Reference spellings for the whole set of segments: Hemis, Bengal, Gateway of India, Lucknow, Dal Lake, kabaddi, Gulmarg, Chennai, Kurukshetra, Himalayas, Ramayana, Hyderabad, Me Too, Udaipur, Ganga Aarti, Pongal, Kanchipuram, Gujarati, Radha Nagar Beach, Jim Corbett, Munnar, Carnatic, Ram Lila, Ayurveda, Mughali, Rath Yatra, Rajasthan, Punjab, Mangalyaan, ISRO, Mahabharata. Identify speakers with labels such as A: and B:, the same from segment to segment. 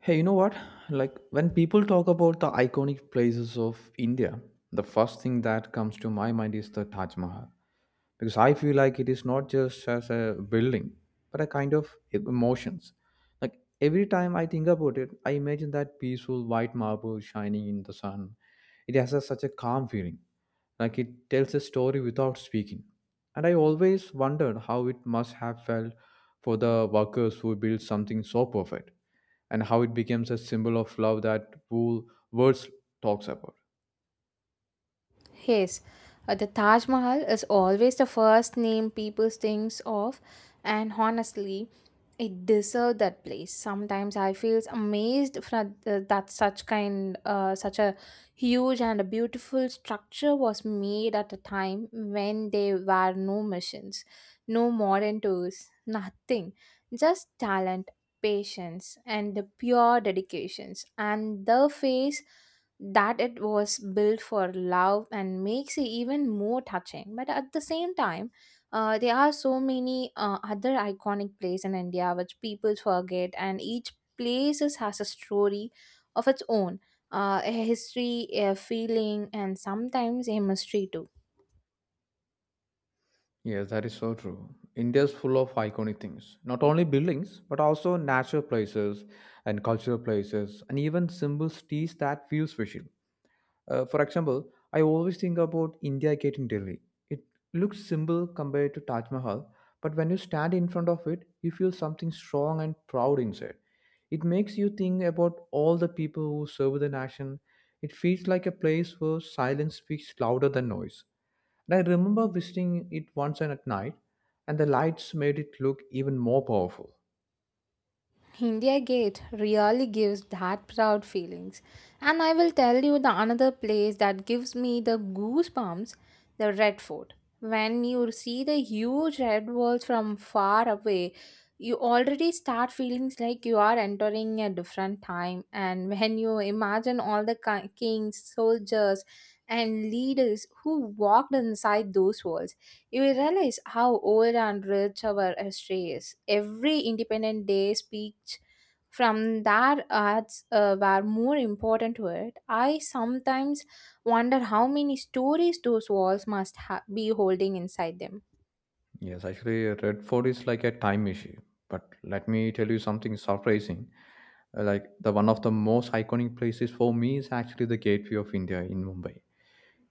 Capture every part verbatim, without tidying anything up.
A: Hey, you know what? Like when people talk about the iconic places of India, the first thing that comes to my mind is the Taj Mahal. Because I feel like it is not just as a building, but a kind of emotions. Like every time I think about it, I imagine that peaceful white marble shining in the sun. It has a, such a calm feeling, like it tells a story without speaking. And I always wondered how it must have felt for the workers who built something so perfect and how it becomes a symbol of love that whole words talks about.
B: Yes, uh, the Taj Mahal is always the first name people thinks of, and honestly, it deserves that place. Sometimes I feels amazed fra- uh, that such kind, uh, such a huge and a beautiful structure was made at a time when there were no machines, no modern tools, nothing, just talent, patience, and the pure dedications and the face that it was built for love and makes it even more touching. But at the same time, uh, there are so many uh, other iconic places in India which people forget, and each place is- has a story of its own, uh, a history, a feeling, and sometimes a mystery too.
A: Yes, that is so true. India is full of iconic things, not only buildings, but also natural places and cultural places, and even symbols teach that feel special. Uh, for example, I always think about India Gate in Delhi. It looks simple compared to Taj Mahal, but when you stand in front of it, you feel something strong and proud inside. It makes you think about all the people who serve the nation. It feels like a place where silence speaks louder than noise. And I remember visiting it once and at night, and the lights made it look even more powerful.
B: India Gate really gives that proud feelings. And I will tell you the another place that gives me the goosebumps, the Red Fort. When you see the huge red walls from far away, you already start feeling like you are entering a different time. And when you imagine all the ki- kings, soldiers, and leaders who walked inside those walls, you will realize how old and rich our history is. Every Independent Day speech from that arts uh, were more important to it. I sometimes wonder how many stories those walls must ha- be holding inside them.
A: Yes, actually, Redford is like a time machine. But let me tell you something surprising. Uh, Like the one of the most iconic places for me is actually the Gateway of India in Mumbai.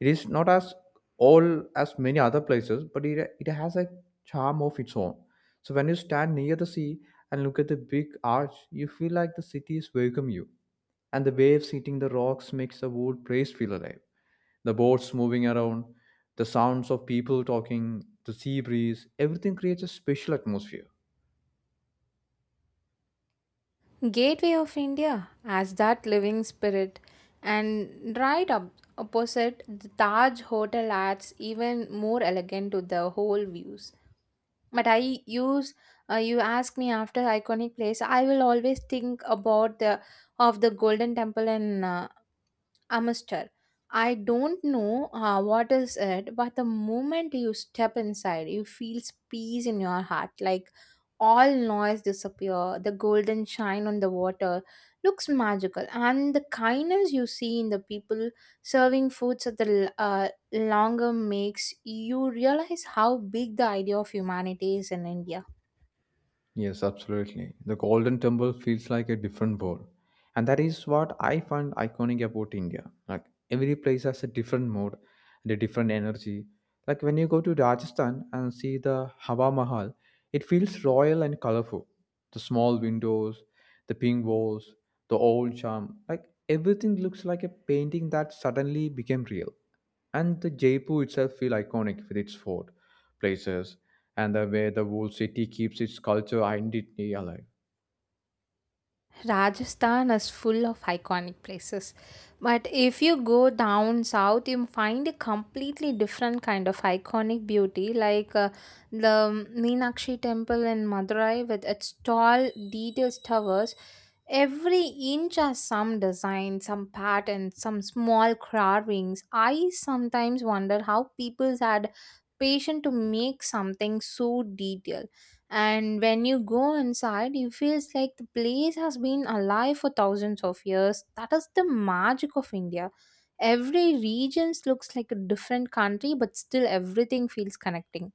A: It is not as all as many other places, but it, it has a charm of its own. So when you stand near the sea and look at the big arch, you feel like the city is welcome you. And the waves hitting the rocks makes the whole place feel alive. The boats moving around, the sounds of people talking, the sea breeze, everything creates a special atmosphere.
B: Gateway of India as that living spirit, and right up opposite the Taj Hotel adds even more elegant to the whole views. But I use uh, you ask me after iconic place, I will always think about the of the Golden Temple in uh, Amster. I don't know uh, what is it, but the moment you step inside, you feel peace in your heart. Like all noise disappear, the golden shine on the water looks magical, and the kindness you see in the people serving foods at the uh, longer makes you realize how big the idea of humanity is in India.
A: Yes, absolutely. The Golden Temple feels like a different world. And that is what I find iconic about India. Like every place has a different mood and a different energy. Like when you go to Rajasthan and see the Hawa Mahal, it feels royal and colorful. The small windows, the pink walls, the old charm, like everything looks like a painting that suddenly became real and the Jaipur itself feel iconic with its fort, places, and the way the whole city keeps its culture identity alive.
B: Rajasthan is full of iconic places, but if you go down south, you find a completely different kind of iconic beauty, like uh, the Meenakshi Temple in Madurai with its tall, detailed towers. Every inch has some design, some pattern, some small carvings. I sometimes wonder how people had patience to make something so detailed. And when you go inside you feels like the place has been alive for thousands of years. That is the magic of India. Every region looks like a different country, but still everything feels connecting.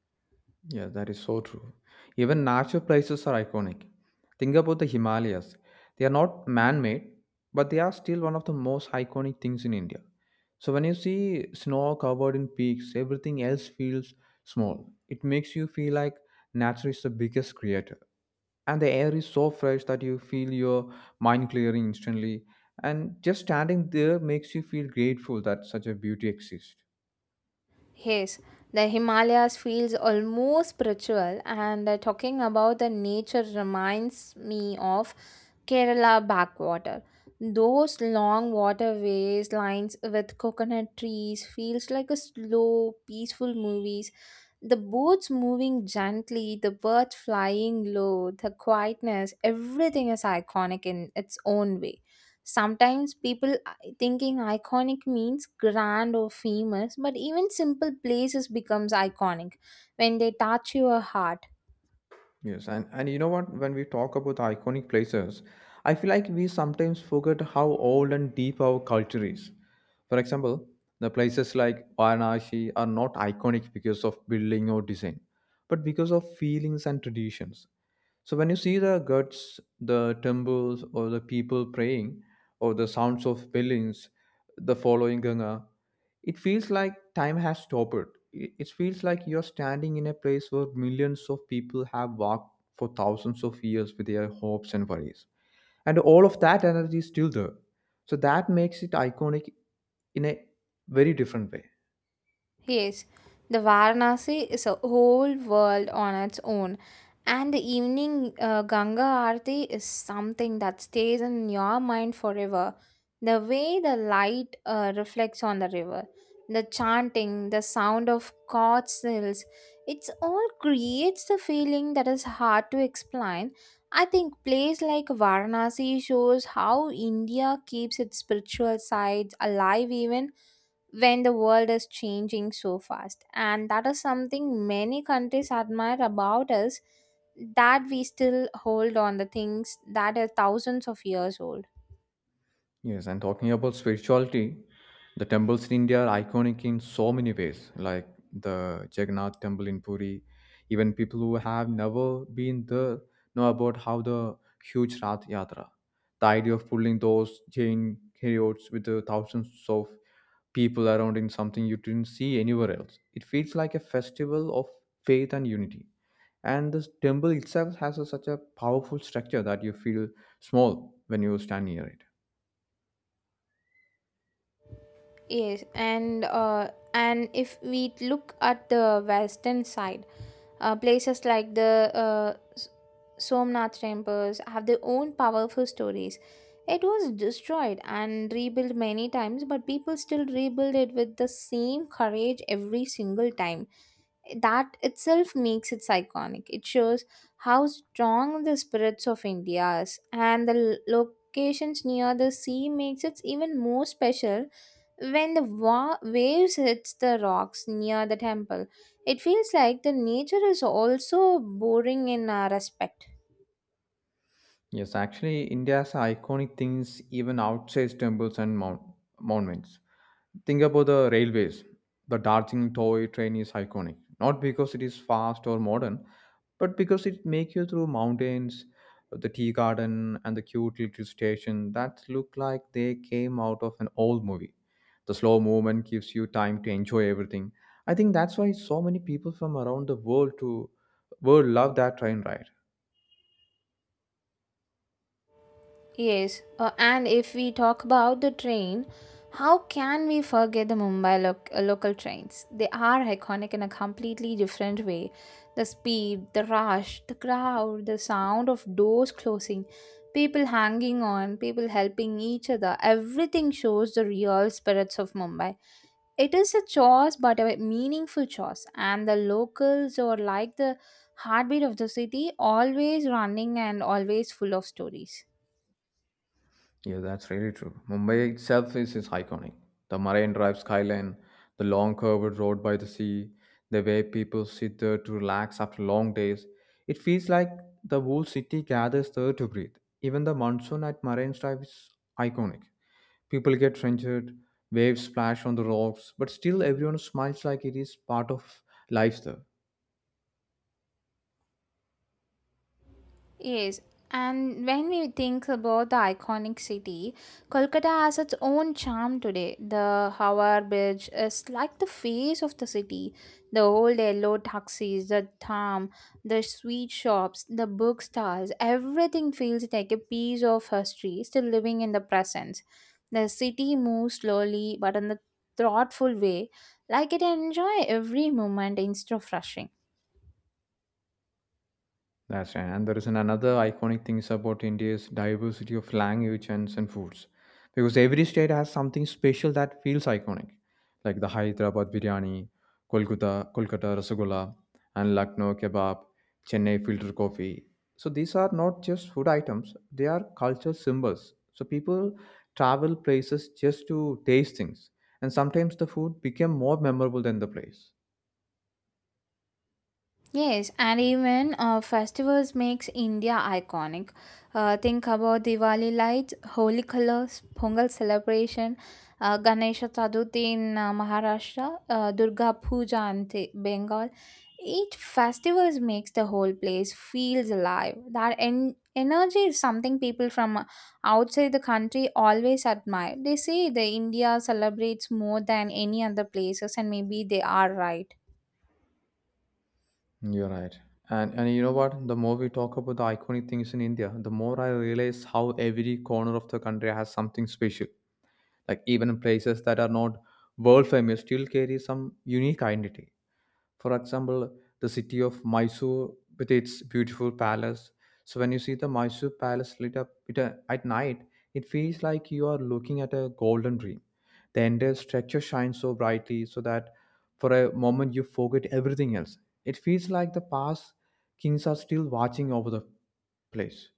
A: Yeah, that is so true. Even natural places are iconic. Think about the Himalayas. They are not man made, but they are still one of the most iconic things in India. So when you see snow covered in peaks, everything else feels small. It makes you feel like nature is the biggest creator. And the air is so fresh that you feel your mind clearing instantly. And just standing there makes you feel grateful that such a beauty exists.
B: Yes, the Himalayas feels almost spiritual, and uh, talking about the nature reminds me of Kerala backwater. Those long waterways lines with coconut trees feels like a slow, peaceful movies. The boats moving gently, the birds flying low, the quietness, everything is iconic in its own way. Sometimes people thinking iconic means grand or famous, but even simple places becomes iconic when they touch your heart.
A: Yes, and, and you know what? When we talk about iconic places, I feel like we sometimes forget how old and deep our culture is. For example, the places like Varanasi are not iconic because of building or design, but because of feelings and traditions. So when you see the guts, the temples, or the people praying, or the sounds of buildings, the following Ganga, it feels like time has stopped. It it feels like you're standing in a place where millions of people have walked for thousands of years with their hopes and worries. And all of that energy is still there. So that makes it iconic in a very different way.
B: Yes, the Varanasi is a whole world on its own, and the evening uh, Ganga Aarti is something that stays in your mind forever. The way the light uh, reflects on the river, the chanting, the sound of cod sills, it all creates the feeling that is hard to explain. I think place like Varanasi shows how India keeps its spiritual sides alive even when the world is changing so fast. And that is something many countries admire about us, that we still hold on the things that are thousands of years old.
A: Yes, and talking about spirituality, the temples in India are iconic in so many ways, like the Jagannath temple in Puri. Even people who have never been there know about how the huge Rath Yatra. The idea of pulling those Jain chariots with the thousands of people around in something you didn't see anywhere else. It feels like a festival of faith and unity. And this temple itself has a, such a powerful structure that you feel small when you stand near it.
B: Yes, and uh, and if we look at the western side, uh, places like the uh, S- Somnath temples have their own powerful stories. It was destroyed and rebuilt many times, but people still rebuild it with the same courage every single time. That itself makes it iconic. It shows how strong the spirits of India is, and the l- locations near the sea makes it even more special. When the wa- waves hits the rocks near the temple, it feels like the nature is also boring in our respect.
A: Yes, actually, India's iconic things even outside temples and mount- monuments. Think about the railways. The Darjeeling toy train is iconic, not because it is fast or modern, but because it makes you through mountains, the tea garden, and the cute little station that look like they came out of an old movie. The slow movement gives you time to enjoy everything. I think that's why so many people from around the world to world love that train ride.
B: Yes, uh, and if we talk about the train, how can we forget the Mumbai loc- uh, local trains? They are iconic in a completely different way. The speed, the rush, the crowd, the sound of doors closing, people hanging on, people helping each other, everything shows the real spirits of Mumbai. It is a choice, but a meaningful choice. And the locals are like the heartbeat of the city, always running and always full of stories.
A: Yeah, that's really true. Mumbai itself is, is iconic. The Marine Drive skyline, the long curved road by the sea, the way people sit there to relax after long days. It feels like the whole city gathers there to breathe. Even the monsoon at Marine Drive is iconic. People get trenched, waves splash on the rocks, but still everyone smiles like it is part of life there.
B: Yes, and when we think about the iconic city, Kolkata has its own charm today. The Howrah Bridge is like the face of the city. The old yellow taxis, the tram, the sweet shops, the bookstores, everything feels like a piece of history still living in the present. The city moves slowly but in a thoughtful way, like it enjoys every moment instead of rushing.
A: That's right. And there is an another iconic things about India's diversity of language and, and foods. Because every state has something special that feels iconic. Like the Hyderabad biryani, Kolkata, Kolkata rasagolla, and Lucknow kebab, Chennai filter coffee. So these are not just food items, they are culture symbols. So people travel places just to taste things. And sometimes the food became more memorable than the place.
B: Yes, and even uh, festivals makes India iconic. Uh, think about Diwali lights, holy colors, Pongal celebration, uh, Ganesha Chaturthi in uh, Maharashtra, uh, Durga Puja in Te- Bengal. Each festivals makes the whole place feels alive. That en- energy is something people from uh, outside the country always admire. They say the India celebrates more than any other places, and maybe they are right.
A: You're right. And and you know what? The more we talk about the iconic things in India, the more I realize how every corner of the country has something special. Like even places that are not world famous still carry some unique identity. For example, the city of Mysore with its beautiful palace. So when you see the Mysore palace lit up it, uh, at night, it feels like you are looking at a golden dream. The entire structure shines so brightly so that for a moment you forget everything else. It feels like the past kings are still watching over the place.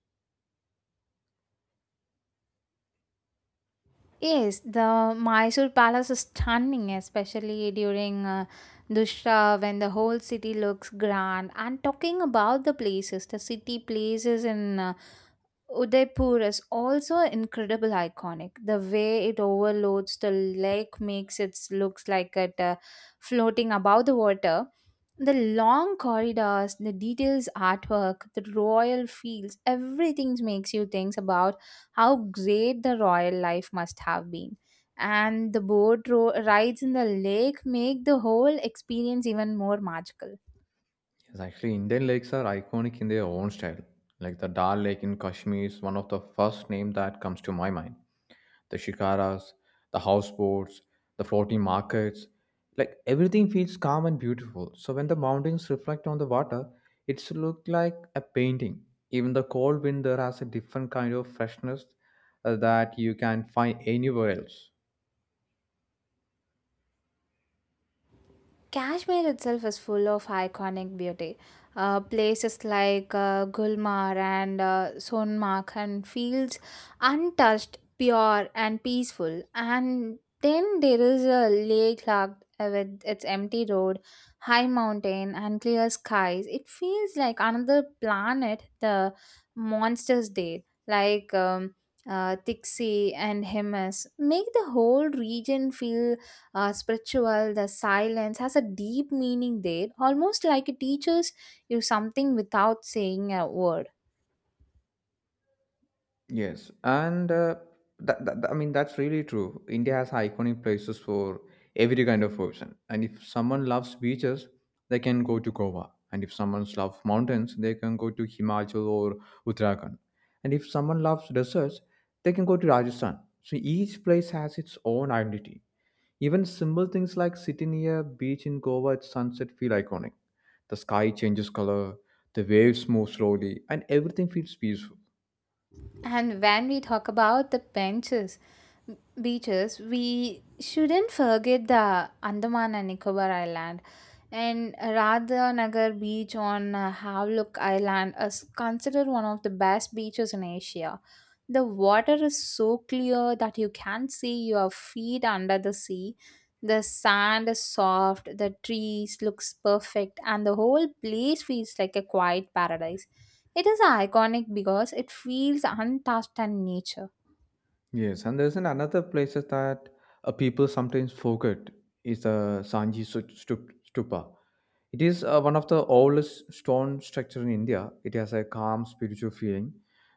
B: Yes, the Mysore Palace is stunning, especially during uh, Dussehra when the whole city looks grand. And talking about the places, the city places in uh, Udaipur is also incredible iconic. The way it overloads the lake makes it looks like it uh, floating above the water. The long corridors, the details artwork, the royal fields, everything makes you think about how great the royal life must have been. And the boat ro- rides in the lake make the whole experience even more magical.
A: Yes, actually, Indian lakes are iconic in their own style. Like the Dal Lake in Kashmir is one of the first name that comes to my mind. The shikaras, the houseboats, the floating markets. Like everything feels calm and beautiful. So when the mountains reflect on the water, it's look like a painting. Even the cold winter has a different kind of freshness uh, that you can find anywhere else.
B: Kashmir itself is full of iconic beauty. Uh, places like uh, Gulmarg and uh, Sonmark and fields untouched, pure and peaceful. And then there is a lake locked uh, with its empty road, high mountain and clear skies. It feels like another planet. The monsters did, like um, uh, Tixi and Hemis, make the whole region feel uh, spiritual. The silence has a deep meaning there, almost like it teaches you something without saying a word.
A: Yes, and uh, that, that, I mean that's really true. India has iconic places for every kind of person, and if someone loves beaches, they can go to Goa, and if someone loves mountains, they can go to Himachal or Uttarakhand, and if someone loves deserts, they can go to Rajasthan. So each place has its own identity. Even simple things like sitting near a beach in Goa at sunset feel iconic. The sky changes color, the waves move slowly, and everything feels peaceful.
B: And when we talk about the benches, beaches, we shouldn't forget the Andaman and Nicobar Island. And Radha Nagar Beach on uh, Havelock Island is considered one of the best beaches in Asia. The water is so clear that you can see your feet under the sea. The sand is soft, the trees looks perfect, and the whole place feels like a quiet paradise. It is iconic because it feels untouched and nature.
A: Yes, and there's an another places that uh, people sometimes forget is the Sanji Stu- Stu- Stupa. It is uh, one of the oldest stone structure in India. It has a calm spiritual feeling.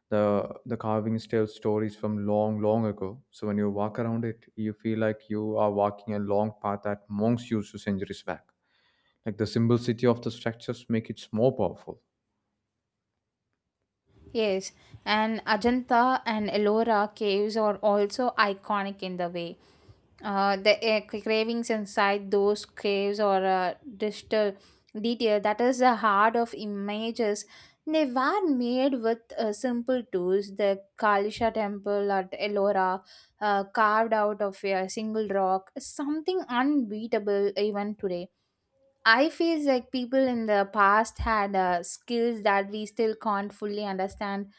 A: The the carvings tell stories from long, long ago. So when you walk around it, you feel like you are walking a long path that monks used to centuries back. Like the simplicity of the structures make it more powerful.
B: Yes, and Ajanta and Ellora caves are also iconic in the way. uh, the uh, cra- cravings inside those caves or uh, digital detail that is the heart of images. They were made with uh, simple tools. The Kalisha temple at Ellora, uh, carved out of a single rock, is something unbeatable even today. I feel like people in the past had uh, skills that we still can't fully understand.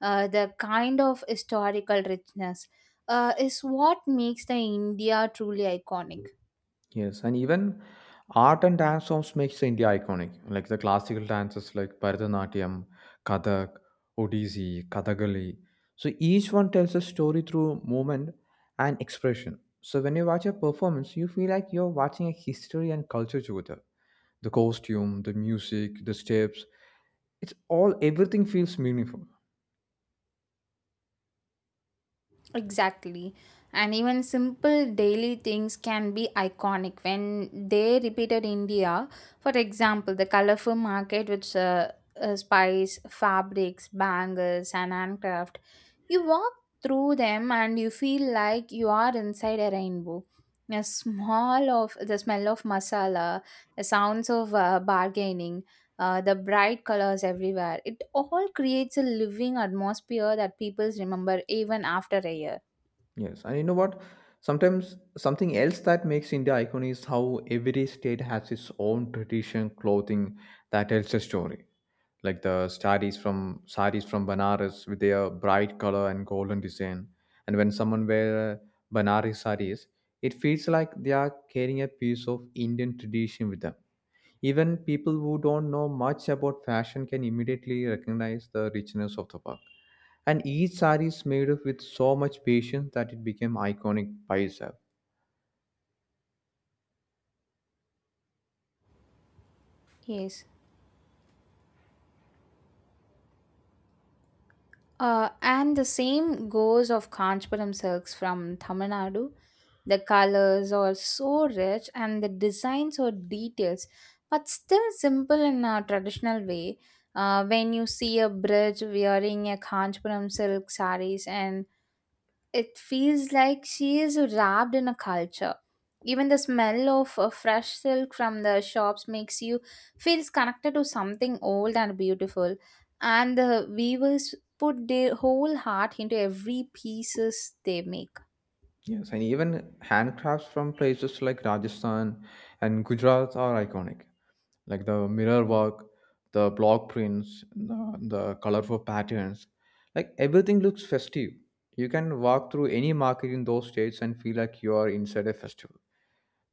B: Uh, the kind of historical richness uh, is what makes the India truly iconic.
A: Yes, and even art and dance forms makes India iconic. Like the classical dances like Bharatanatyam, Kathak, Odissi, Kathakali. So each one tells a story through movement and expression. So when you watch a performance, you feel like you're watching a history and culture together. The costume, the music, the steps, it's all everything feels meaningful.
B: Exactly. And even simple daily things can be iconic when they repeated India. For example, the colorful market with uh, uh, spice, fabrics, bangles, and handcraft. You walk through them and you feel like you are inside a rainbow. The smell of the smell of masala, the sounds of uh, bargaining, uh, the bright colors everywhere. It all creates a living atmosphere that people remember even after a year.
A: Yes, and you know what? Sometimes something else that makes India iconic is how every state has its own tradition clothing that tells a story. Like the saris from saris from Banaras with their bright color and golden design, and when someone wears Banarasi saris, it feels like they are carrying a piece of Indian tradition with them. Even people who don't know much about fashion can immediately recognize the richness of the work. And each sari is made of with so much patience that it became iconic by itself.
B: Yes. Uh, and the same goes of Kanchipuram silks from Tamil Nadu. The colors are so rich and the designs are details, but still simple in a traditional way. Uh, when you see a bridge wearing a Kanchipuram silk sarees and it feels like she is wrapped in a culture. Even the smell of uh, fresh silk from the shops makes you feels connected to something old and beautiful. And the weavers put their whole heart into every pieces they make.
A: Yes, and even handcrafts from places like Rajasthan and Gujarat are iconic, like the mirror work, the block prints, the, the colorful patterns. Like everything looks festive. You can walk through any market in those states and feel like you are inside a festival.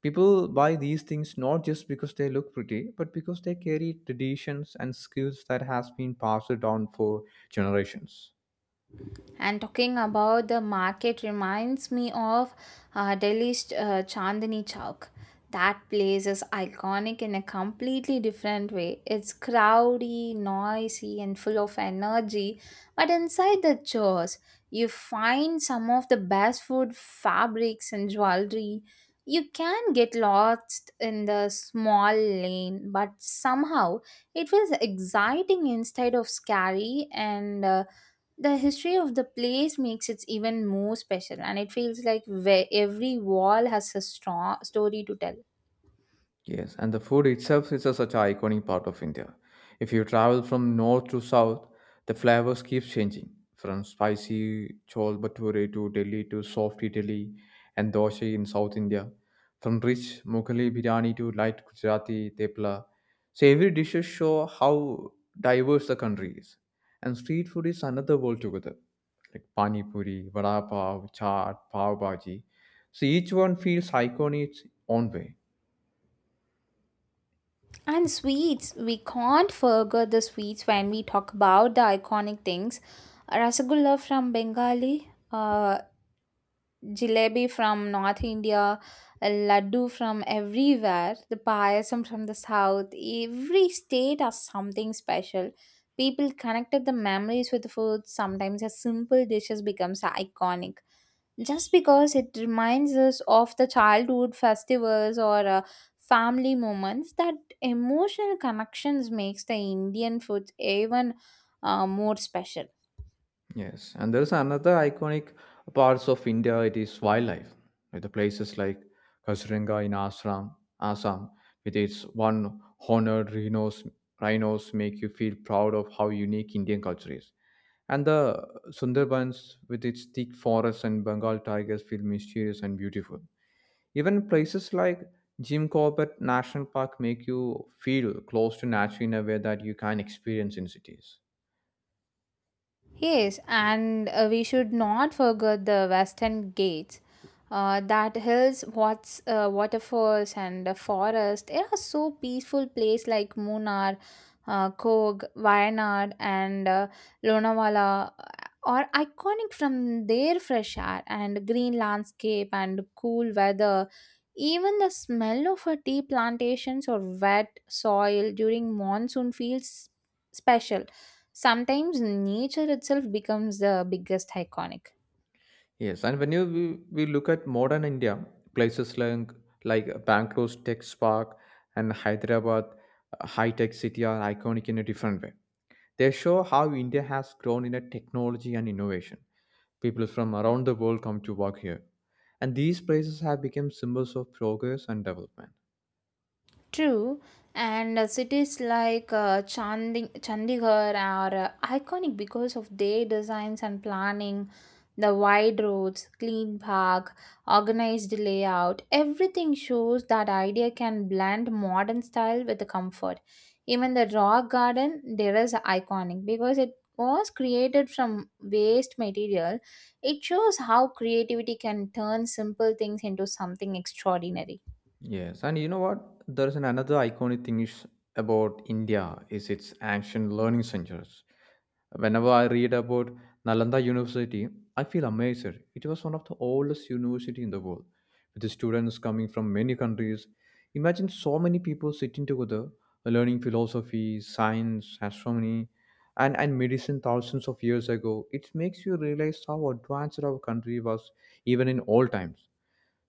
A: People buy these things not just because they look pretty, but because they carry traditions and skills that has been passed down for generations.
B: And talking about the market reminds me of uh, Delhi's uh, Chandni Chowk. That place is iconic in a completely different way. It's crowdy, noisy, and full of energy. But inside the chores, you find some of the best food, fabrics, and jewelry. You can get lost in the small lane, but somehow it feels exciting instead of scary. And uh, the history of the place makes it even more special, and it feels like where every wall has a strong story to tell.
A: Yes, and the food itself is a such an iconic part of India. If you travel from north to south, the flavors keeps changing from spicy chol bhature to Delhi to soft Italy and dosa in South India, from rich Mughali biryani to light Gujarati tepla. So every dishes show how diverse the country is, and street food is another world together, like pani puri, vada pav, chaat, pav bhaji. So each one feels iconic in its own way.
B: And sweets, we can't forget the sweets when we talk about the iconic things. Rasgulla from Bengali, uh, jalebi from North India, laddu from everywhere, the payasam from the south. Every state has something special. People connected the memories with the food. Sometimes a simple dishes becomes iconic just because it reminds us of the childhood festivals or uh, family moments. That emotional connections makes the Indian food even uh, more special.
A: Yes, and there's another iconic parts of India. It is wildlife, with the places like Kaziranga in Assam, Assam, with its one horned rhinos, rhinos make you feel proud of how unique Indian culture is. And the Sundarbans, with its thick forests and Bengal tigers, feel mysterious and beautiful. Even places like Jim Corbett National Park make you feel close to nature in a way that you can't experience in cities.
B: Yes, and uh, we should not forget the western gates. Uh, that hills, what's uh, waterfalls and the forest. There are so peaceful places like Munnar, uh, Kog, Wayanad, and uh, Lonavala uh, are iconic from their fresh air and green landscape and cool weather. Even the smell of a tea plantations or wet soil during monsoon feels special. Sometimes nature itself becomes the biggest iconic.
A: Yes, and when you we, we look at modern India, places like like Bangalore's tech spark and Hyderabad, high tech city are iconic in a different way. They show how India has grown in a technology and innovation. People from around the world come to work here, and these places have become symbols of progress and development.
B: True, and uh, cities like uh, Chandi- Chandigarh are uh, iconic because of their designs and planning, the wide roads, clean park, organized layout. Everything shows that idea can blend modern style with the comfort. Even the rock garden there is iconic because it was created from waste material. It shows how creativity can turn simple things into something extraordinary.
A: Yes, and you know what? There is an another iconic thing is about India is its ancient learning centers. Whenever I read about Nalanda University, I feel amazed. It was one of the oldest university in the world, with the students coming from many countries. Imagine so many people sitting together, learning philosophy, science, astronomy, and, and medicine thousands of years ago. It makes you realize how advanced our country was even in old times.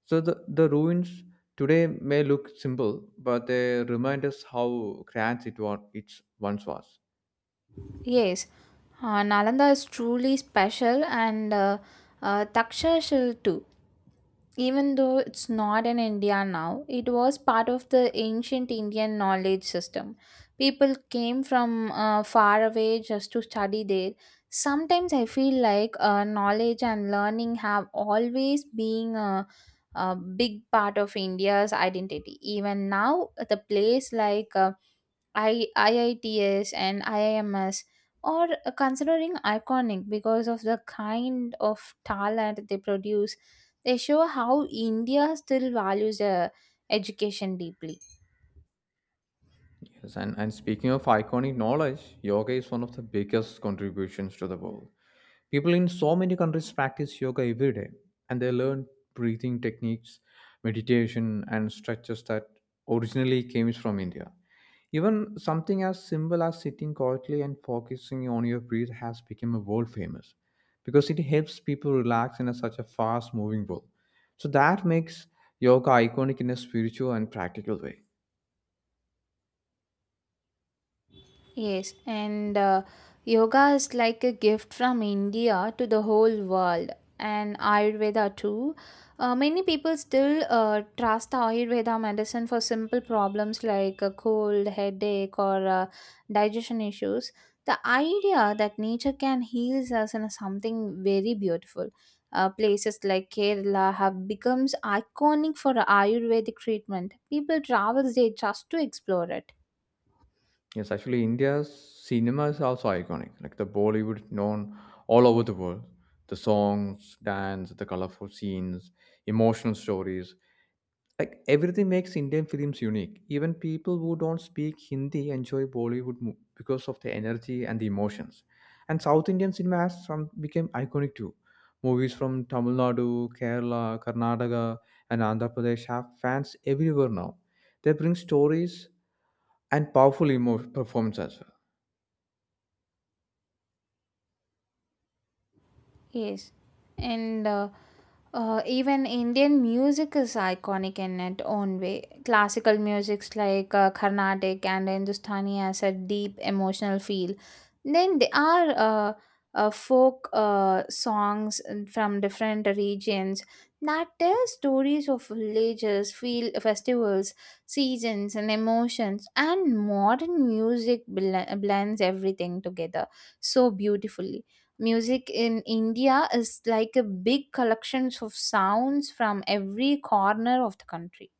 A: So the, the ruins today may look simple, but they remind us how grand it, was, it once was.
B: Yes, uh, Nalanda is truly special and uh, uh, Takshashil too. Even though it's not in India now, it was part of the ancient Indian knowledge system. People came from uh, far away just to study there. Sometimes I feel like uh, knowledge and learning have always been a, a big part of India's identity. Even now, the place like uh, I, IITS and I I M S are considering iconic because of the kind of talent they produce. They show how India still values the education deeply.
A: Yes, and, and speaking of iconic knowledge, yoga is one of the biggest contributions to the world. People in so many countries practice yoga every day, and they learn breathing techniques, meditation, and stretches that originally came from India. Even something as simple as sitting quietly and focusing on your breath has become a world famous because it helps people relax in a, such a fast moving world. So that makes yoga iconic in a spiritual and practical way.
B: Yes, and uh, yoga is like a gift from India to the whole world, and Ayurveda too. Uh, many people still uh, trust the Ayurveda medicine for simple problems like a cold, headache, or uh, digestion issues. The idea that nature can heal us is something very beautiful. Uh, places like Kerala have become iconic for Ayurvedic treatment. People travel there just to explore it.
A: Yes, actually, India's cinema is also iconic. Like the Bollywood, known all over the world. The songs, dance, the colorful scenes, emotional stories. Like everything makes Indian films unique. Even people who don't speak Hindi enjoy Bollywood mo- because of the energy and the emotions. And South Indian cinema has some became iconic too. Movies from Tamil Nadu, Kerala, Karnataka, and Andhra Pradesh have fans everywhere now. They bring stories and powerful emo- performance as well.
B: Yes, and uh, uh, even Indian music is iconic in its own way. Classical musics like uh, Carnatic and Hindustani has a deep emotional feel. Then there are uh, uh, folk uh, songs from different regions that tell stories of villages, feel festivals, seasons, and emotions. And modern music bl- blends everything together so beautifully. Music in India is like a big collections of sounds from every corner of the country.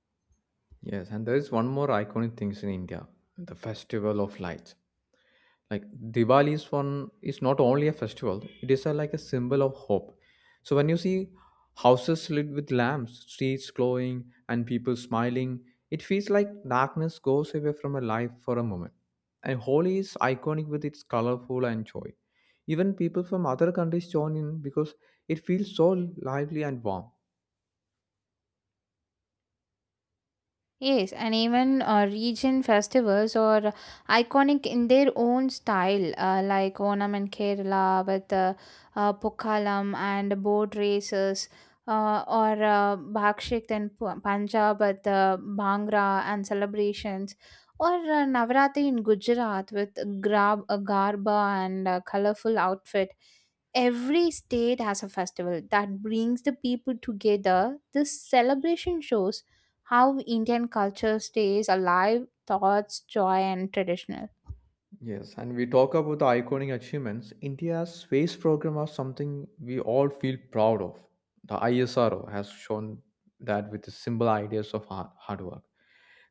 A: Yes, and there is one more iconic things in India, the festival of lights. Like Diwali is one is not only a festival, it is a, like a symbol of hope. So when you see houses lit with lamps, streets glowing, and people smiling, it feels like darkness goes away from a life for a moment. And Holi is iconic with its colorful and joy. Even people from other countries join in because it feels so lively and warm.
B: Yes, and even uh, region festivals are iconic in their own style, uh, like Onam in Kerala with uh, uh, Pokalam and boat races, uh, or uh, Bhakshik in Pu- Punjab with uh, Bhangra and celebrations, or uh, Navratri in Gujarat with grab, uh, Garba and uh, colorful outfit. Every state has a festival that brings the people together. This celebration shows how Indian culture stays alive, thoughts, joy, and traditional.
A: Yes, and we talk about the iconic achievements. India's space program is something we all feel proud of. The ISRO has shown that with the simple ideas of hard, hard work.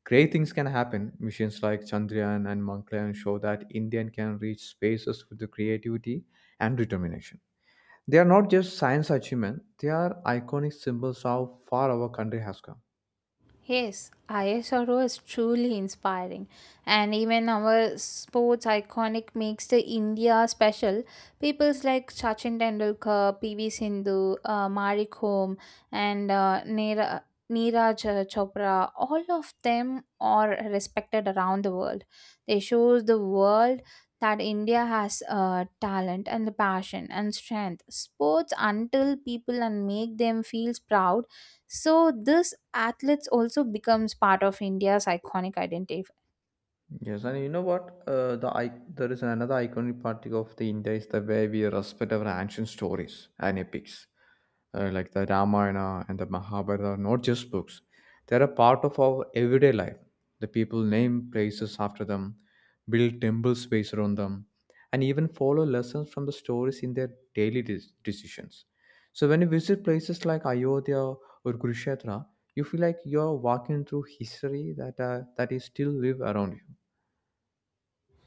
A: Great things can happen. Missions like Chandrayaan and Mangalyaan show that Indian can reach spaces with the creativity and determination. They are not just science achievements, they are iconic symbols of how far our country has come.
B: Yes, ISRO is truly inspiring, and even our sports iconic makes the India special. Peoples like Sachin Tendulkar, P V Sindhu, uh, Marie Kom, and uh, Neera, Neeraj uh, Chopra, all of them are respected around the world. They shows the world that India has uh, talent and the passion and strength. Sports until people and make them feels proud, so this athletes also becomes part of India's iconic identity.
A: Yes, and you know what? Uh, the I- there is another iconic part of the India is the way we respect our ancient stories and epics, uh, like the Ramayana and the Mahabharata. Are not just books; they are a part of our everyday life. The people name places after them, build temples based on them, and even follow lessons from the stories in their daily de- decisions. So when you visit places like Ayodhya or Kurukshetra, you feel like you are walking through history that uh, that is still live around you.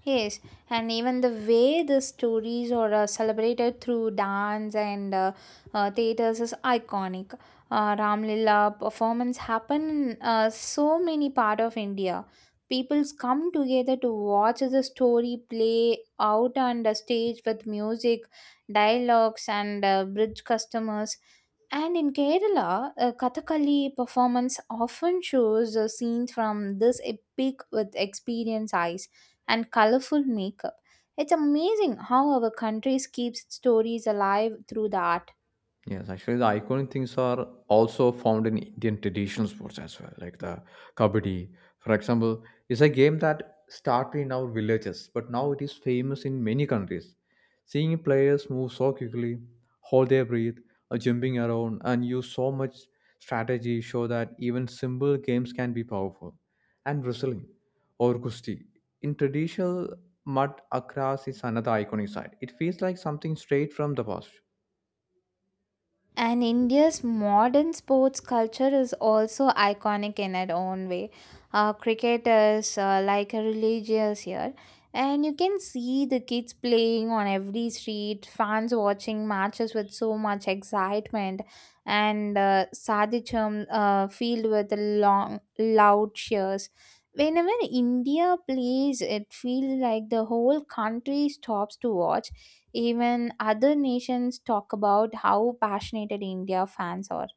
B: Yes, and even the way the stories are uh, celebrated through dance and uh, uh, theaters is iconic. Uh, Ram Lila performance happen in uh, so many part of India. People's come together to watch the story play out on the stage with music, dialogues, and uh, bridge customers. And in Kerala, a Kathakali performance often shows a scene from this epic with experienced eyes and colorful makeup. It's amazing how our country keeps its stories alive through the art.
A: Yes, actually, the iconic things are also found in Indian traditional sports as well, like the kabaddi, for example, is a game that started in our villages, but now it is famous in many countries. Seeing players move so quickly, hold their breath, or jumping around, and use so much strategy show that even simple games can be powerful. And wrestling or kusti in traditional mud akras is another iconic side. It feels like something straight from the past.
B: And India's modern sports culture is also iconic in its own way. Uh, cricket is uh, like a religious here, and you can see the kids playing on every street, fans watching matches with so much excitement, and uh, Sadicham uh, filled with long, loud cheers. Whenever India plays, it feels like the whole country stops to watch, even other nations talk about how passionate India fans are.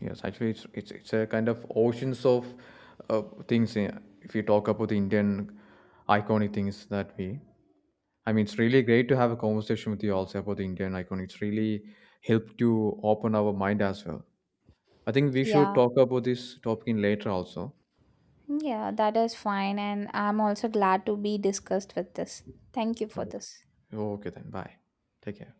A: Yes, actually, it's it's, it's a kind of oceans of uh, things. eh, If you talk about the Indian iconic things that we, I mean, it's really great to have a conversation with you also about the Indian icon. It's really helped to open our mind as well. I think we should
B: Yeah,
A: talk about this topic in later also.
B: yeah, that is fine. And I'm also glad to be discussed with this. Thank you for
A: Okay.
B: this.
A: Okay then. Bye. Take care.